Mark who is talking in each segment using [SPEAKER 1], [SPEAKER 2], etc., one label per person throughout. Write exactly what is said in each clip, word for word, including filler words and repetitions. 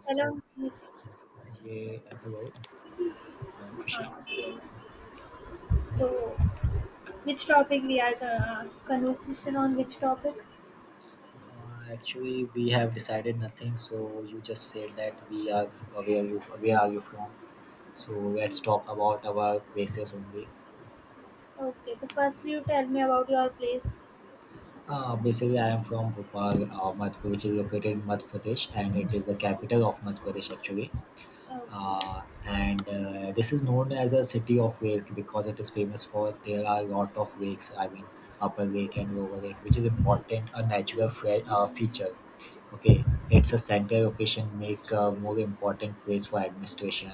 [SPEAKER 1] So,
[SPEAKER 2] Hello, yes.
[SPEAKER 1] yeah, hello, uh, Khushi.
[SPEAKER 2] Uh, so, which topic we are uh, conversation on which topic?
[SPEAKER 1] Uh, actually, we have decided nothing. So you just said that we are uh, where you where are you from? So let's talk about our places only.
[SPEAKER 2] Okay. So, firstly, you tell me about your place.
[SPEAKER 1] Uh, basically, I am from Bhopal, uh, Madhya, which is located in Madhya Pradesh, and it is the capital of Madhya Pradesh actually.
[SPEAKER 2] Okay.
[SPEAKER 1] Uh, and uh, This is known as a city of lake because it is famous for there are a lot of lakes. I mean upper lake and lower lake, which is important, a natural fre- uh, feature. Okay, it's a central location, make a more important place for administration,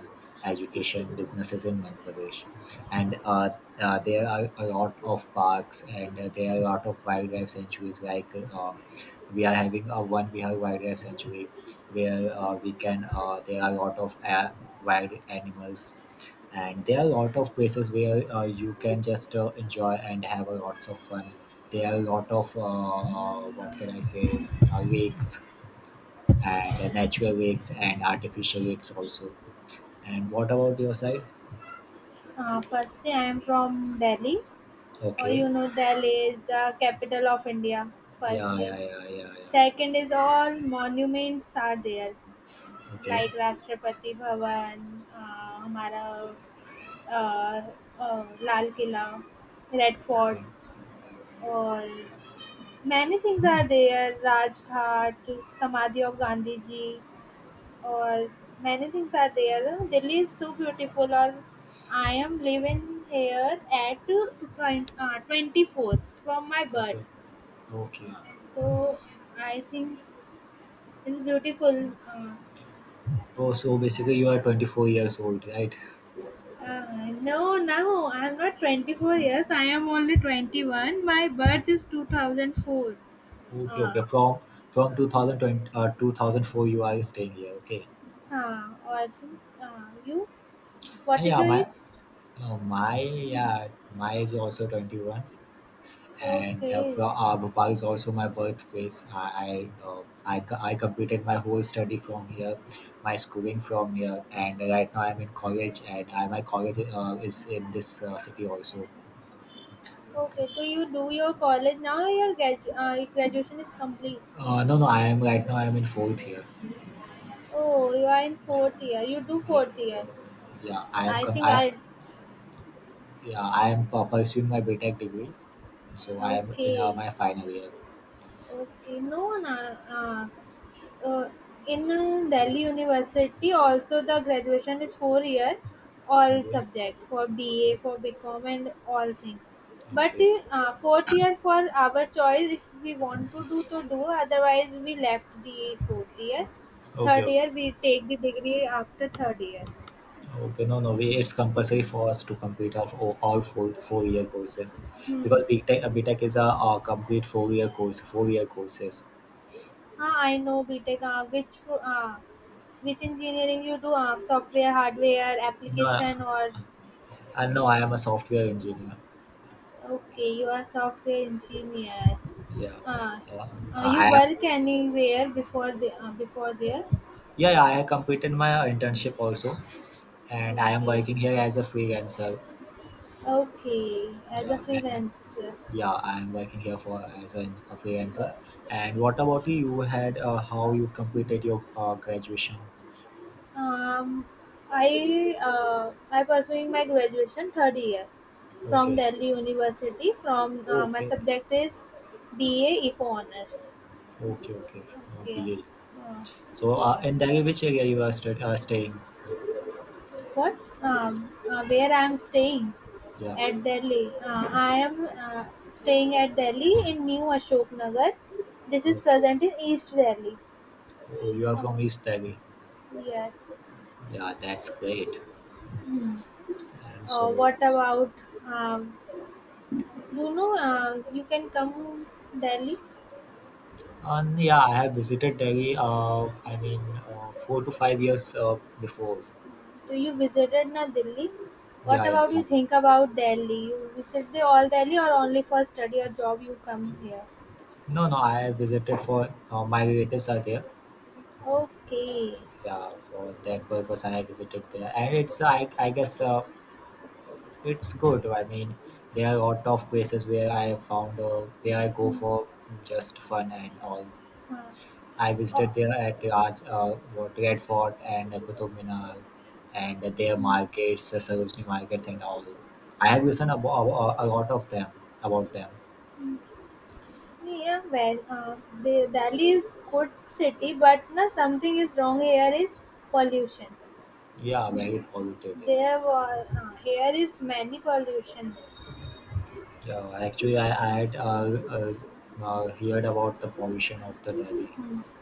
[SPEAKER 1] education, businesses in Madhya Pradesh. And uh, uh, There are a lot of parks and uh, there are a lot of wildlife sanctuaries like uh, we are having a one we wildlife sanctuary where uh, we can, uh, there are a lot of uh, wild animals, and there are a lot of places where uh, you can just uh, enjoy and have a lots of fun. There are a lot of uh, uh, what can I say uh, lakes and uh, natural lakes and artificial lakes also. And what about your side?
[SPEAKER 2] Uh, firstly, I am from Delhi. Or
[SPEAKER 1] Okay.
[SPEAKER 2] you know, Delhi is uh, capital of India.
[SPEAKER 1] Yeah,
[SPEAKER 2] Firstly,
[SPEAKER 1] yeah, yeah, yeah, yeah.
[SPEAKER 2] second is all monuments are there,
[SPEAKER 1] Okay.
[SPEAKER 2] like Rashtrapati Bhavan, uh, हमारा, uh, uh, Lal Killa, Red Fort,
[SPEAKER 1] Okay.
[SPEAKER 2] और many things are there, Rajghat, samadhi of Gandhi ji, or many things are there. Delhi is so beautiful. Or I am living here at twenty, uh, twenty-four from my
[SPEAKER 1] Okay.
[SPEAKER 2] birth.
[SPEAKER 1] Okay.
[SPEAKER 2] Uh, so I think it's beautiful. uh,
[SPEAKER 1] Oh, so basically you are twenty-four years old, right?
[SPEAKER 2] uh, no, no, I'm not twenty-four years, I am only twenty-one, my birth is two thousand four.
[SPEAKER 1] Okay,
[SPEAKER 2] uh,
[SPEAKER 1] okay. From from two thousand twenty uh, two thousand four you are staying here. Okay.
[SPEAKER 2] uh, or, uh, you,
[SPEAKER 1] Uh,
[SPEAKER 2] what is
[SPEAKER 1] Yeah,
[SPEAKER 2] your
[SPEAKER 1] my
[SPEAKER 2] age?
[SPEAKER 1] uh, my yeah, my is also twenty-one. And uh,
[SPEAKER 2] Okay,
[SPEAKER 1] from, uh, Bhopal is also my birthplace. I I, uh, I co- I completed my whole study from here, my schooling from here, and right now I'm in college, and I, my college uh, is in this uh, city also.
[SPEAKER 2] okay. So you do your college now. Your gradu- uh, your graduation is complete.
[SPEAKER 1] Uh, no, no, I am right now. I am in fourth year.
[SPEAKER 2] Oh, you are in fourth year. You do
[SPEAKER 1] Yeah,
[SPEAKER 2] fourth year.
[SPEAKER 1] yeah. I am
[SPEAKER 2] I
[SPEAKER 1] com-
[SPEAKER 2] think
[SPEAKER 1] I
[SPEAKER 2] I.
[SPEAKER 1] yeah. I am uh, pursuing my B TEC degree. So I am in uh,
[SPEAKER 2] Okay,
[SPEAKER 1] my final year.
[SPEAKER 2] okay. No, na. Uh, uh, in uh, Delhi University also the graduation is four year, all
[SPEAKER 1] Okay.
[SPEAKER 2] subject for B A, for BCom, and all things, but
[SPEAKER 1] Okay.
[SPEAKER 2] uh, fourth year for our choice if we want to do to do, otherwise we left the fourth year.
[SPEAKER 1] Okay.
[SPEAKER 2] Third
[SPEAKER 1] Okay.
[SPEAKER 2] year we take the degree after third year.
[SPEAKER 1] Okay. No, no. We, it's compulsory for us to complete of all, all four four-year courses,
[SPEAKER 2] Hmm.
[SPEAKER 1] because BTech, uh, BTech is a, uh, complete four-year course, four-year courses.
[SPEAKER 2] uh, I know B. BTech. Ah, which pro- uh, which engineering you do? Ah, software, hardware,
[SPEAKER 1] No,
[SPEAKER 2] application, or
[SPEAKER 1] I know I am a software engineer.
[SPEAKER 2] Okay, you are software engineer.
[SPEAKER 1] Yeah.
[SPEAKER 2] Uh,
[SPEAKER 1] Uh,
[SPEAKER 2] uh, you
[SPEAKER 1] I am.
[SPEAKER 2] work anywhere before the uh, before there?
[SPEAKER 1] Yeah, yeah. I have completed my internship also, and I am
[SPEAKER 2] Okay,
[SPEAKER 1] working here as a freelancer.
[SPEAKER 2] okay. As a
[SPEAKER 1] Yeah.
[SPEAKER 2] freelancer,
[SPEAKER 1] Yeah, I'm working here for as an- a freelancer. And what about you? You had uh, how you completed your uh, graduation?
[SPEAKER 2] um, I uh, I pursuing my graduation third year from
[SPEAKER 1] Okay.
[SPEAKER 2] Delhi University. From
[SPEAKER 1] Oh,
[SPEAKER 2] uh, My
[SPEAKER 1] okay,
[SPEAKER 2] subject is B A Eco Honors.
[SPEAKER 1] okay, okay. Oh,
[SPEAKER 2] Okay.
[SPEAKER 1] B A.
[SPEAKER 2] Uh,
[SPEAKER 1] So, uh, in Delhi, which
[SPEAKER 2] yes.
[SPEAKER 1] area you are stu- uh, staying?
[SPEAKER 2] what um, uh, Where I am staying
[SPEAKER 1] Yeah.
[SPEAKER 2] at Delhi? Uh, I am uh, staying at Delhi in New Ashok Nagar. This is
[SPEAKER 1] Okay.
[SPEAKER 2] present in East Delhi.
[SPEAKER 1] Oh, you are from
[SPEAKER 2] Oh,
[SPEAKER 1] East Delhi.
[SPEAKER 2] yes.
[SPEAKER 1] Yeah, that's great.
[SPEAKER 2] Hmm.
[SPEAKER 1] And
[SPEAKER 2] Uh,
[SPEAKER 1] so,
[SPEAKER 2] what about um, you know uh, you can come Delhi.
[SPEAKER 1] and yeah, I have visited Delhi. Uh, I mean, uh, four to five years uh, before.
[SPEAKER 2] Do you visited na Delhi? What
[SPEAKER 1] Yeah, yeah,
[SPEAKER 2] about
[SPEAKER 1] I
[SPEAKER 2] you
[SPEAKER 1] have visited.
[SPEAKER 2] think about Delhi? You visit the all Delhi, or only for study or job you come here?
[SPEAKER 1] No, no, I have visited for uh, my relatives are there.
[SPEAKER 2] Okay.
[SPEAKER 1] Yeah, for that purpose I visited there, and it's i, I guess uh, it's good. I mean there are a lot of places where i found, uh, where i go
[SPEAKER 2] Hmm.
[SPEAKER 1] for just fun and all.
[SPEAKER 2] Uh,
[SPEAKER 1] I
[SPEAKER 2] uh,
[SPEAKER 1] visited there at Raj, uh, what red fort and uh, qutub minar, and their markets, the sarojini markets and all. I have listened about a lot of them, about them.
[SPEAKER 2] Yeah, well, uh, the Delhi is good city, but na something is wrong here is pollution.
[SPEAKER 1] Yeah, very positive, yeah.
[SPEAKER 2] There was uh, Here is many pollution,
[SPEAKER 1] Yeah, actually, I, I had uh, uh, uh, heard about the pollution of the Delhi,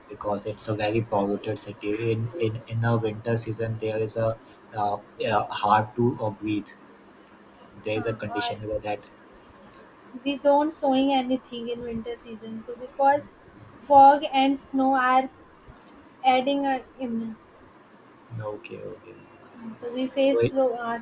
[SPEAKER 1] because it's a very polluted city. In in in the winter season, there is a uh, uh, hard to uh, breathe. There is a
[SPEAKER 2] uh, or
[SPEAKER 1] condition where that.
[SPEAKER 2] we don't sowing anything in winter season too, because fog and snow are adding a. in-
[SPEAKER 1] Okay, okay.
[SPEAKER 2] so we
[SPEAKER 1] So
[SPEAKER 2] face
[SPEAKER 1] it,
[SPEAKER 2] snow, uh,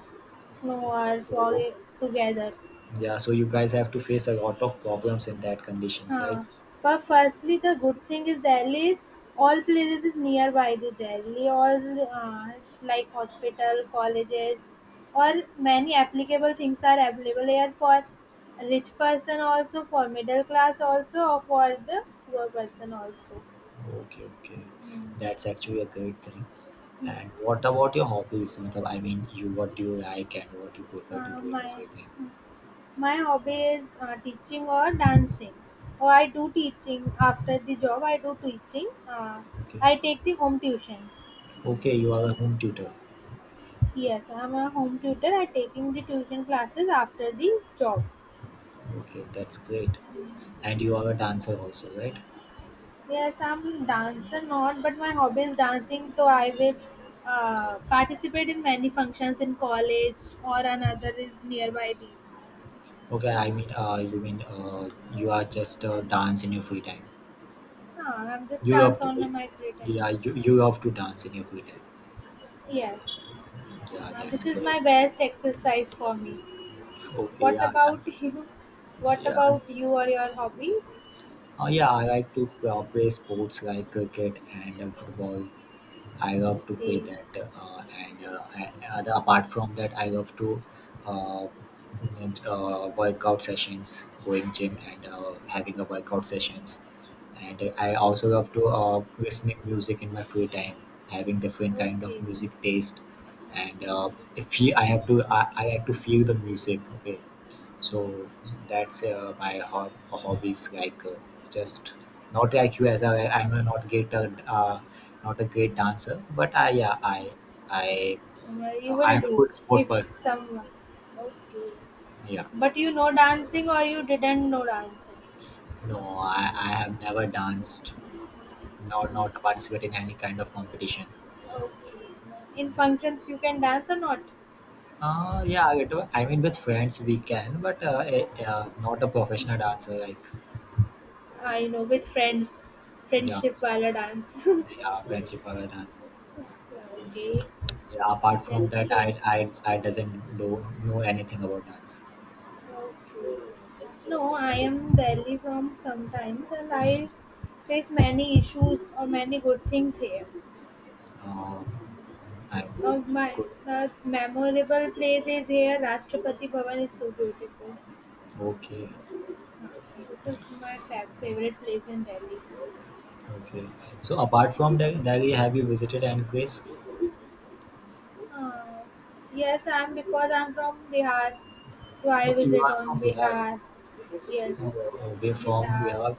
[SPEAKER 2] snow or fog
[SPEAKER 1] so
[SPEAKER 2] together.
[SPEAKER 1] yeah, so you guys have to face a lot of problems in that conditions, right?
[SPEAKER 2] Huh. But firstly the good thing is Delhi is all places is nearby the Delhi. All uh, like hospital, colleges, or many applicable things are available here, for rich person also, for middle class also, or for the poor person also.
[SPEAKER 1] Okay, okay.
[SPEAKER 2] Hmm.
[SPEAKER 1] That's actually a great thing. And what about your hobbies? Matlab, I mean, you, what do you like, and what you prefer to
[SPEAKER 2] Uh,
[SPEAKER 1] do in your
[SPEAKER 2] my
[SPEAKER 1] free time?
[SPEAKER 2] my hobby is uh, teaching or dancing. Or I do teaching after the job. I do teaching. Uh,
[SPEAKER 1] Okay.
[SPEAKER 2] I take the home tuitions.
[SPEAKER 1] Okay, you are a home tutor.
[SPEAKER 2] Yes, I'm a home tutor. I taking the tuition classes after the job.
[SPEAKER 1] Okay, that's great. And you are a dancer also, right?
[SPEAKER 2] Yes, I'm dancer not, but my hobby is dancing. So I will uh, participate in many functions in college, or another is nearby the.
[SPEAKER 1] Okay, I mean, uh, you mean, uh, you are just uh, dance in your free time.
[SPEAKER 2] Ah, I'm just
[SPEAKER 1] You love
[SPEAKER 2] dance
[SPEAKER 1] to,
[SPEAKER 2] on my free time.
[SPEAKER 1] yeah, you, you love to dance in your free time.
[SPEAKER 2] Yes,
[SPEAKER 1] Yeah,
[SPEAKER 2] uh,
[SPEAKER 1] that's
[SPEAKER 2] this is
[SPEAKER 1] great.
[SPEAKER 2] my best exercise for me.
[SPEAKER 1] Okay,
[SPEAKER 2] What
[SPEAKER 1] yeah, yeah.
[SPEAKER 2] about you? What
[SPEAKER 1] Yeah.
[SPEAKER 2] about you, or your hobbies?
[SPEAKER 1] Uh, yeah, I like to uh, play sports like cricket and uh, football. I have to pay
[SPEAKER 2] Okay,
[SPEAKER 1] that, uh, and uh, and other, apart from that, I have to uh, and, uh, workout sessions, going gym and uh, having a workout sessions, and I also have to uh, listening music in my free time, having different kind of
[SPEAKER 2] okay.
[SPEAKER 1] music taste, and uh, if I have to, I, I have to feel the music. Okay, so that's uh, my hob- hobbies. Like uh, just not like you, as I, I'm a not get a, uh, not a great dancer, but I yeah I I
[SPEAKER 2] Uh, you
[SPEAKER 1] I
[SPEAKER 2] will
[SPEAKER 1] am a
[SPEAKER 2] do
[SPEAKER 1] good sport
[SPEAKER 2] if
[SPEAKER 1] person.
[SPEAKER 2] someone. Okay.
[SPEAKER 1] Yeah.
[SPEAKER 2] But you know dancing, or you didn't know dancing?
[SPEAKER 1] No, I, I have never danced, nor not participated in any kind of competition.
[SPEAKER 2] Okay. In
[SPEAKER 1] Yeah.
[SPEAKER 2] functions you can dance or not?
[SPEAKER 1] Uh, yeah, I do- I mean, with friends we can, but uh, eh, uh, not a professional dancer like
[SPEAKER 2] I know with friends.
[SPEAKER 1] yeah,
[SPEAKER 2] Friendship while dance.
[SPEAKER 1] yeah, friendship or a dance.
[SPEAKER 2] Okay.
[SPEAKER 1] Yeah, apart from
[SPEAKER 2] That's
[SPEAKER 1] that,
[SPEAKER 2] good.
[SPEAKER 1] I I, I doesn't do know anything about dance.
[SPEAKER 2] Okay. No, I am Delhi from sometimes, and I face many issues or many good things here.
[SPEAKER 1] Uh, I'm
[SPEAKER 2] Of my
[SPEAKER 1] good.
[SPEAKER 2] the memorable place is here. Rashtrapati Bhavan is so beautiful.
[SPEAKER 1] Okay,
[SPEAKER 2] Uh, This is my fa- favorite place in Delhi.
[SPEAKER 1] okay. So apart from Del- Delhi, have you visited any place?
[SPEAKER 2] Uh, yes, I'm because I'm from Bihar, so I
[SPEAKER 1] Okay, you
[SPEAKER 2] visit
[SPEAKER 1] are from
[SPEAKER 2] on
[SPEAKER 1] Bihar.
[SPEAKER 2] Bihar.
[SPEAKER 1] Oh,
[SPEAKER 2] Yes,
[SPEAKER 1] oh, we're from
[SPEAKER 2] Bihar.
[SPEAKER 1] Bihar.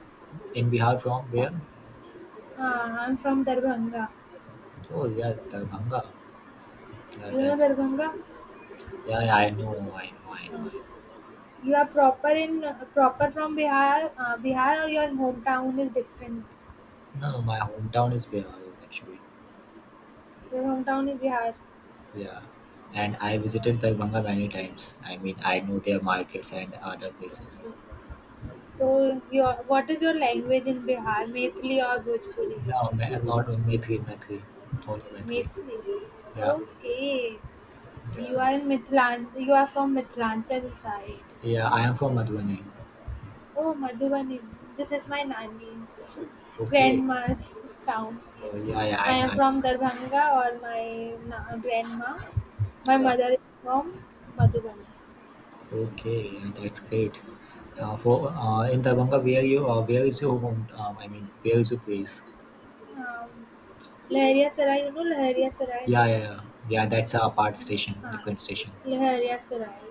[SPEAKER 1] In Bihar, from where?
[SPEAKER 2] Uh, I'm from Darbhanga.
[SPEAKER 1] Oh yeah, Darbhanga. Yeah,
[SPEAKER 2] You know
[SPEAKER 1] that's
[SPEAKER 2] Darbhanga?
[SPEAKER 1] yeah, yeah. I know, I know, I know.
[SPEAKER 2] Uh, you are proper in proper from Bihar. Uh, Bihar, or your hometown is different?
[SPEAKER 1] No, no, my hometown is Bihar actually.
[SPEAKER 2] Your hometown is Bihar.
[SPEAKER 1] Yeah, and I visited Darbhanga many times. I mean, I know their
[SPEAKER 2] Uh,
[SPEAKER 1] markets and
[SPEAKER 2] okay,
[SPEAKER 1] other places.
[SPEAKER 2] okay. So your what is your language in Bihar? Methli or Bhojpuri?
[SPEAKER 1] No, Ma- not Maitri, Maitri, only Maitri.
[SPEAKER 2] Methli.
[SPEAKER 1] Yeah,
[SPEAKER 2] Okay. You
[SPEAKER 1] yeah,
[SPEAKER 2] are in Mithilan. You are from Mithilanchal side.
[SPEAKER 1] yeah. I am from Madhubani.
[SPEAKER 2] Oh, Madhubani. This is my Nani,
[SPEAKER 1] Okay.
[SPEAKER 2] grandma's town.
[SPEAKER 1] Oh,
[SPEAKER 2] Yes.
[SPEAKER 1] yeah, yeah, I
[SPEAKER 2] I am
[SPEAKER 1] know.
[SPEAKER 2] from Darbhanga, or my na- grandma. My
[SPEAKER 1] Yeah.
[SPEAKER 2] mother is from Madhubani.
[SPEAKER 1] Okay, yeah, that's great. Uh, for uh, In Darbhanga, where you, uh, where is your home? Um, I mean, where is your place?
[SPEAKER 2] Um, Laharia Sarai, you know Laharia Sarai?
[SPEAKER 1] Yeah, yeah, yeah. Yeah, that's a part station,
[SPEAKER 2] Haan,
[SPEAKER 1] different station.
[SPEAKER 2] Laharia Sarai.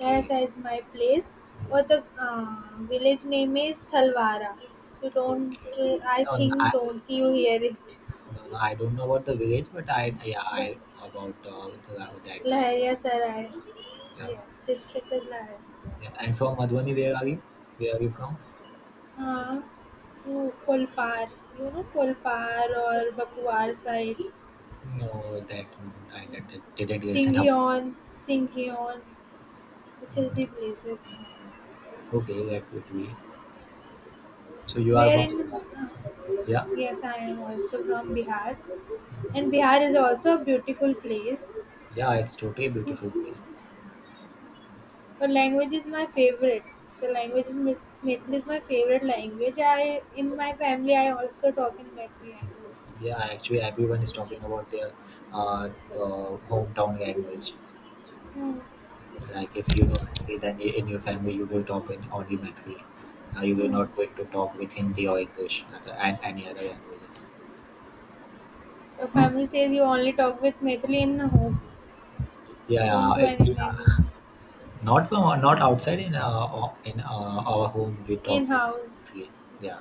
[SPEAKER 2] Laharia Sarai is my place. Or the uh, village name is Thalwara. You don't,
[SPEAKER 1] okay.
[SPEAKER 2] I
[SPEAKER 1] No, no, I,
[SPEAKER 2] think, don't you hear it?
[SPEAKER 1] no, no, I don't know about the village, but I, yeah,
[SPEAKER 2] But
[SPEAKER 1] I about uh, the, that. Uh,
[SPEAKER 2] Lahariya Sarai,
[SPEAKER 1] yeah,
[SPEAKER 2] yes, district is Lahariya Sarai.
[SPEAKER 1] yeah. And from Madhubani, where are you? Where are you from?
[SPEAKER 2] हाँ वो कोलपार you know कोलपार और बकवार sides
[SPEAKER 1] No, that I didn't didn't listen about that.
[SPEAKER 2] सिंघियोन सिंघियोन this is the places
[SPEAKER 1] Okay, that would be. So you are
[SPEAKER 2] where
[SPEAKER 1] from
[SPEAKER 2] in.
[SPEAKER 1] Manali. Yeah,
[SPEAKER 2] Yes, I am also from Bihar, and Bihar is also a beautiful place,
[SPEAKER 1] yeah, it's totally beautiful place.
[SPEAKER 2] but language is my favorite. The language is Mith- mithil is my favorite language. I in my family i also talk in Mithili language.
[SPEAKER 1] Yeah, actually, everyone is talking about their uh, uh, hometown language.
[SPEAKER 2] Hmm.
[SPEAKER 1] Like if you know Methri, then i- in your family you will talk in only Methri. Uh, you will
[SPEAKER 2] Hmm.
[SPEAKER 1] not going to talk with Hindi or English other- and any other languages.
[SPEAKER 2] Your family says you only talk with Maithili in home,
[SPEAKER 1] Yeah,
[SPEAKER 2] don't do
[SPEAKER 1] I- yeah.
[SPEAKER 2] anything
[SPEAKER 1] Not from, not outside, in uh, o- in uh, our home we talk
[SPEAKER 2] in-house.
[SPEAKER 1] Methri. Yeah,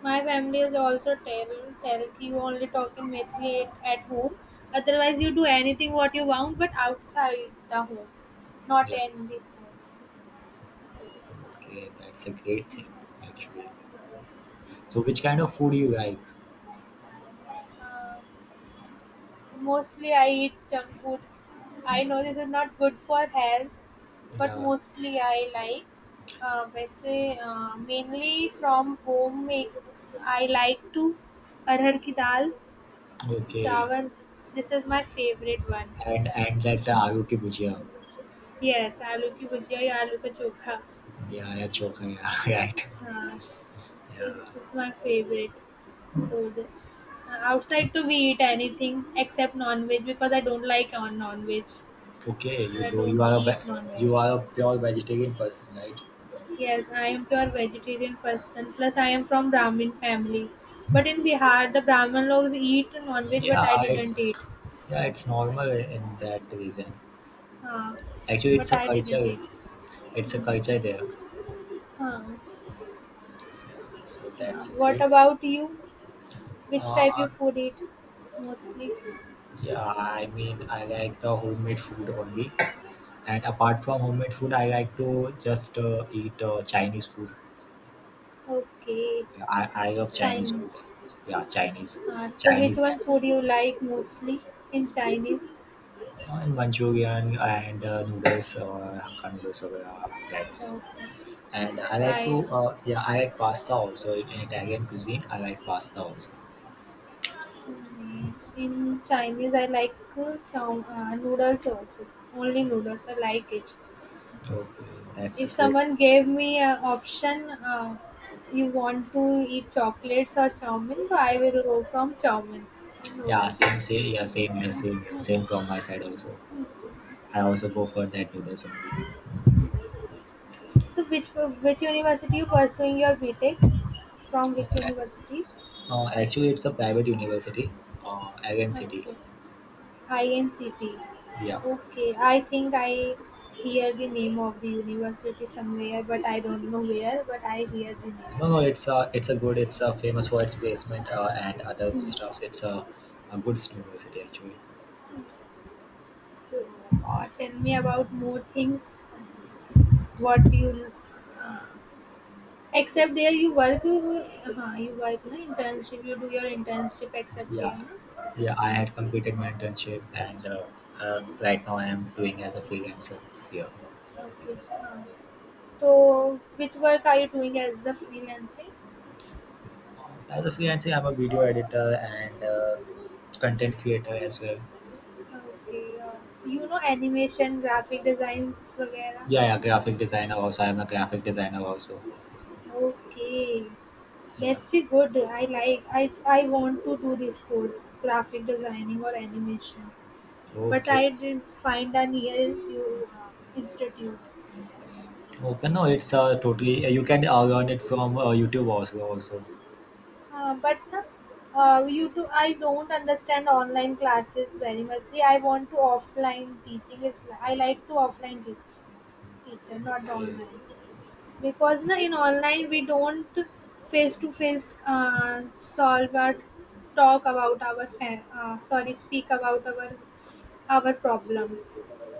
[SPEAKER 2] My family is also tell tell you only talk in Maithili at, at home. Otherwise, you do anything what you want, but outside the home, not
[SPEAKER 1] yeah.
[SPEAKER 2] in the home. Okay.
[SPEAKER 1] Okay, that's a great thing actually. So which kind of food you like?
[SPEAKER 2] Uh, Mostly I eat junk food. I know this is not good for health, but
[SPEAKER 1] The
[SPEAKER 2] mostly I like ah, वैसे ah mainly from home makes. I like to arhar किडाल
[SPEAKER 1] okay,
[SPEAKER 2] चावन. This is my favorite one.
[SPEAKER 1] and and that uh, aloo ki bhujia.
[SPEAKER 2] Yes, आलू की बजाय आलू का चोखा.
[SPEAKER 1] Yeah, yeah, chokha, yeah, right.
[SPEAKER 2] हाँ, so this
[SPEAKER 1] Yeah.
[SPEAKER 2] is my favorite. All this outside, to we eat anything except non veg, because I don't like on non veg.
[SPEAKER 1] Okay, you
[SPEAKER 2] I
[SPEAKER 1] do. You
[SPEAKER 2] don't
[SPEAKER 1] are a ve-
[SPEAKER 2] eat non veg.
[SPEAKER 1] you are a pure vegetarian person, right?
[SPEAKER 2] Yes, I am pure vegetarian person. Plus, I am from Brahmin family. But in Bihar, the Brahmin logs eat non-veg, but I
[SPEAKER 1] Yeah,
[SPEAKER 2] didn't
[SPEAKER 1] it's
[SPEAKER 2] eat.
[SPEAKER 1] yeah, it's normal in that region.
[SPEAKER 2] Uh,
[SPEAKER 1] Actually, it's
[SPEAKER 2] but
[SPEAKER 1] a
[SPEAKER 2] I didn't
[SPEAKER 1] culture.
[SPEAKER 2] eat.
[SPEAKER 1] It's a culture there.
[SPEAKER 2] Uh,
[SPEAKER 1] Yeah. So
[SPEAKER 2] uh,
[SPEAKER 1] that's a
[SPEAKER 2] what
[SPEAKER 1] great thing.
[SPEAKER 2] about you? Which type
[SPEAKER 1] Uh,
[SPEAKER 2] of food eat mostly?
[SPEAKER 1] Yeah, I mean, I like the homemade food only. And apart from homemade food, I like to just uh, eat uh, Chinese food.
[SPEAKER 2] Okay,
[SPEAKER 1] Yeah, I, I love Chinese food.
[SPEAKER 2] Chinese.
[SPEAKER 1] Yeah, Chinese.
[SPEAKER 2] Uh, so which
[SPEAKER 1] Chinese
[SPEAKER 2] one
[SPEAKER 1] and,
[SPEAKER 2] food you like mostly in Chinese?
[SPEAKER 1] and Manchurian and uh, noodles, uh, Hakka noodles, or uh, that's.
[SPEAKER 2] Okay.
[SPEAKER 1] And I like
[SPEAKER 2] I
[SPEAKER 1] to, uh, yeah, I like pasta also. In, in Italian cuisine, I like pasta also.
[SPEAKER 2] uh, in Chinese I like uh, chow, uh, noodles also. Only noodles I like it.
[SPEAKER 1] Okay, that's
[SPEAKER 2] If
[SPEAKER 1] great.
[SPEAKER 2] someone gave me a option, uh, you want to eat chocolates or chow mein, so I will go from chow mein in
[SPEAKER 1] Yeah,
[SPEAKER 2] noodles.
[SPEAKER 1] same, same, yeah, same, yeah, same, yeah, same from my side also. I also go for that noodles only.
[SPEAKER 2] So which which university you pursuing your BTech? From which university?
[SPEAKER 1] Uh, actually, it's a private university, uh, Agen City.
[SPEAKER 2] Okay, I N C T.
[SPEAKER 1] Yeah.
[SPEAKER 2] Okay, I think I hear the name of the university somewhere, but I don't know where. But I hear the name.
[SPEAKER 1] No, no, it's a, it's a good, it's a famous for its placement uh, and other stuffs. It's a, a good university actually.
[SPEAKER 2] So uh, tell me about more things. What you. Uh, Except there you work, हाँ you work ना internship, you do your internship except here
[SPEAKER 1] Yeah,
[SPEAKER 2] ना.
[SPEAKER 1] yeah. I had completed my internship and uh, uh, right now I am doing as a freelancer. Yeah.
[SPEAKER 2] Okay. हाँ. तो which work are you doing as a freelancing?
[SPEAKER 1] As a freelancer, I'm a video editor and uh, content creator as well.
[SPEAKER 2] Okay. Uh, you know animation, graphic designs वगैरह.
[SPEAKER 1] Yeah, yeah. Graphic designer also. I'm a graphic designer also.
[SPEAKER 2] Okay.
[SPEAKER 1] Yeah.
[SPEAKER 2] That's a good. I like. I I want to do this course, graphic designing or animation. But
[SPEAKER 1] Okay.
[SPEAKER 2] I didn't find a near you uh, institute.
[SPEAKER 1] Okay, no, it's uh, totally. uh, You can uh, learn it from uh, YouTube also. Also,
[SPEAKER 2] Uh, but na, uh, you too, I don't understand online classes very much. Yeah, I want to offline teaching. Is I like to offline teach teacher, not
[SPEAKER 1] okay,
[SPEAKER 2] online, because na in online we don't face to face uh solve, or talk about our fa- uh, sorry, speak about our our problems.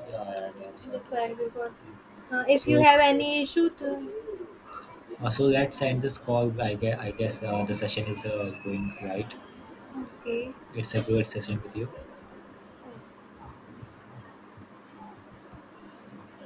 [SPEAKER 1] yeah, yeah, that's uh,
[SPEAKER 2] That's why,
[SPEAKER 1] totally good
[SPEAKER 2] because
[SPEAKER 1] thing.
[SPEAKER 2] uh, if
[SPEAKER 1] So
[SPEAKER 2] you have
[SPEAKER 1] it's uh,
[SPEAKER 2] any issue, to,
[SPEAKER 1] uh, so let's end this call. I guess I guess uh, the session is uh, going right.
[SPEAKER 2] okay.
[SPEAKER 1] It's a good session with you.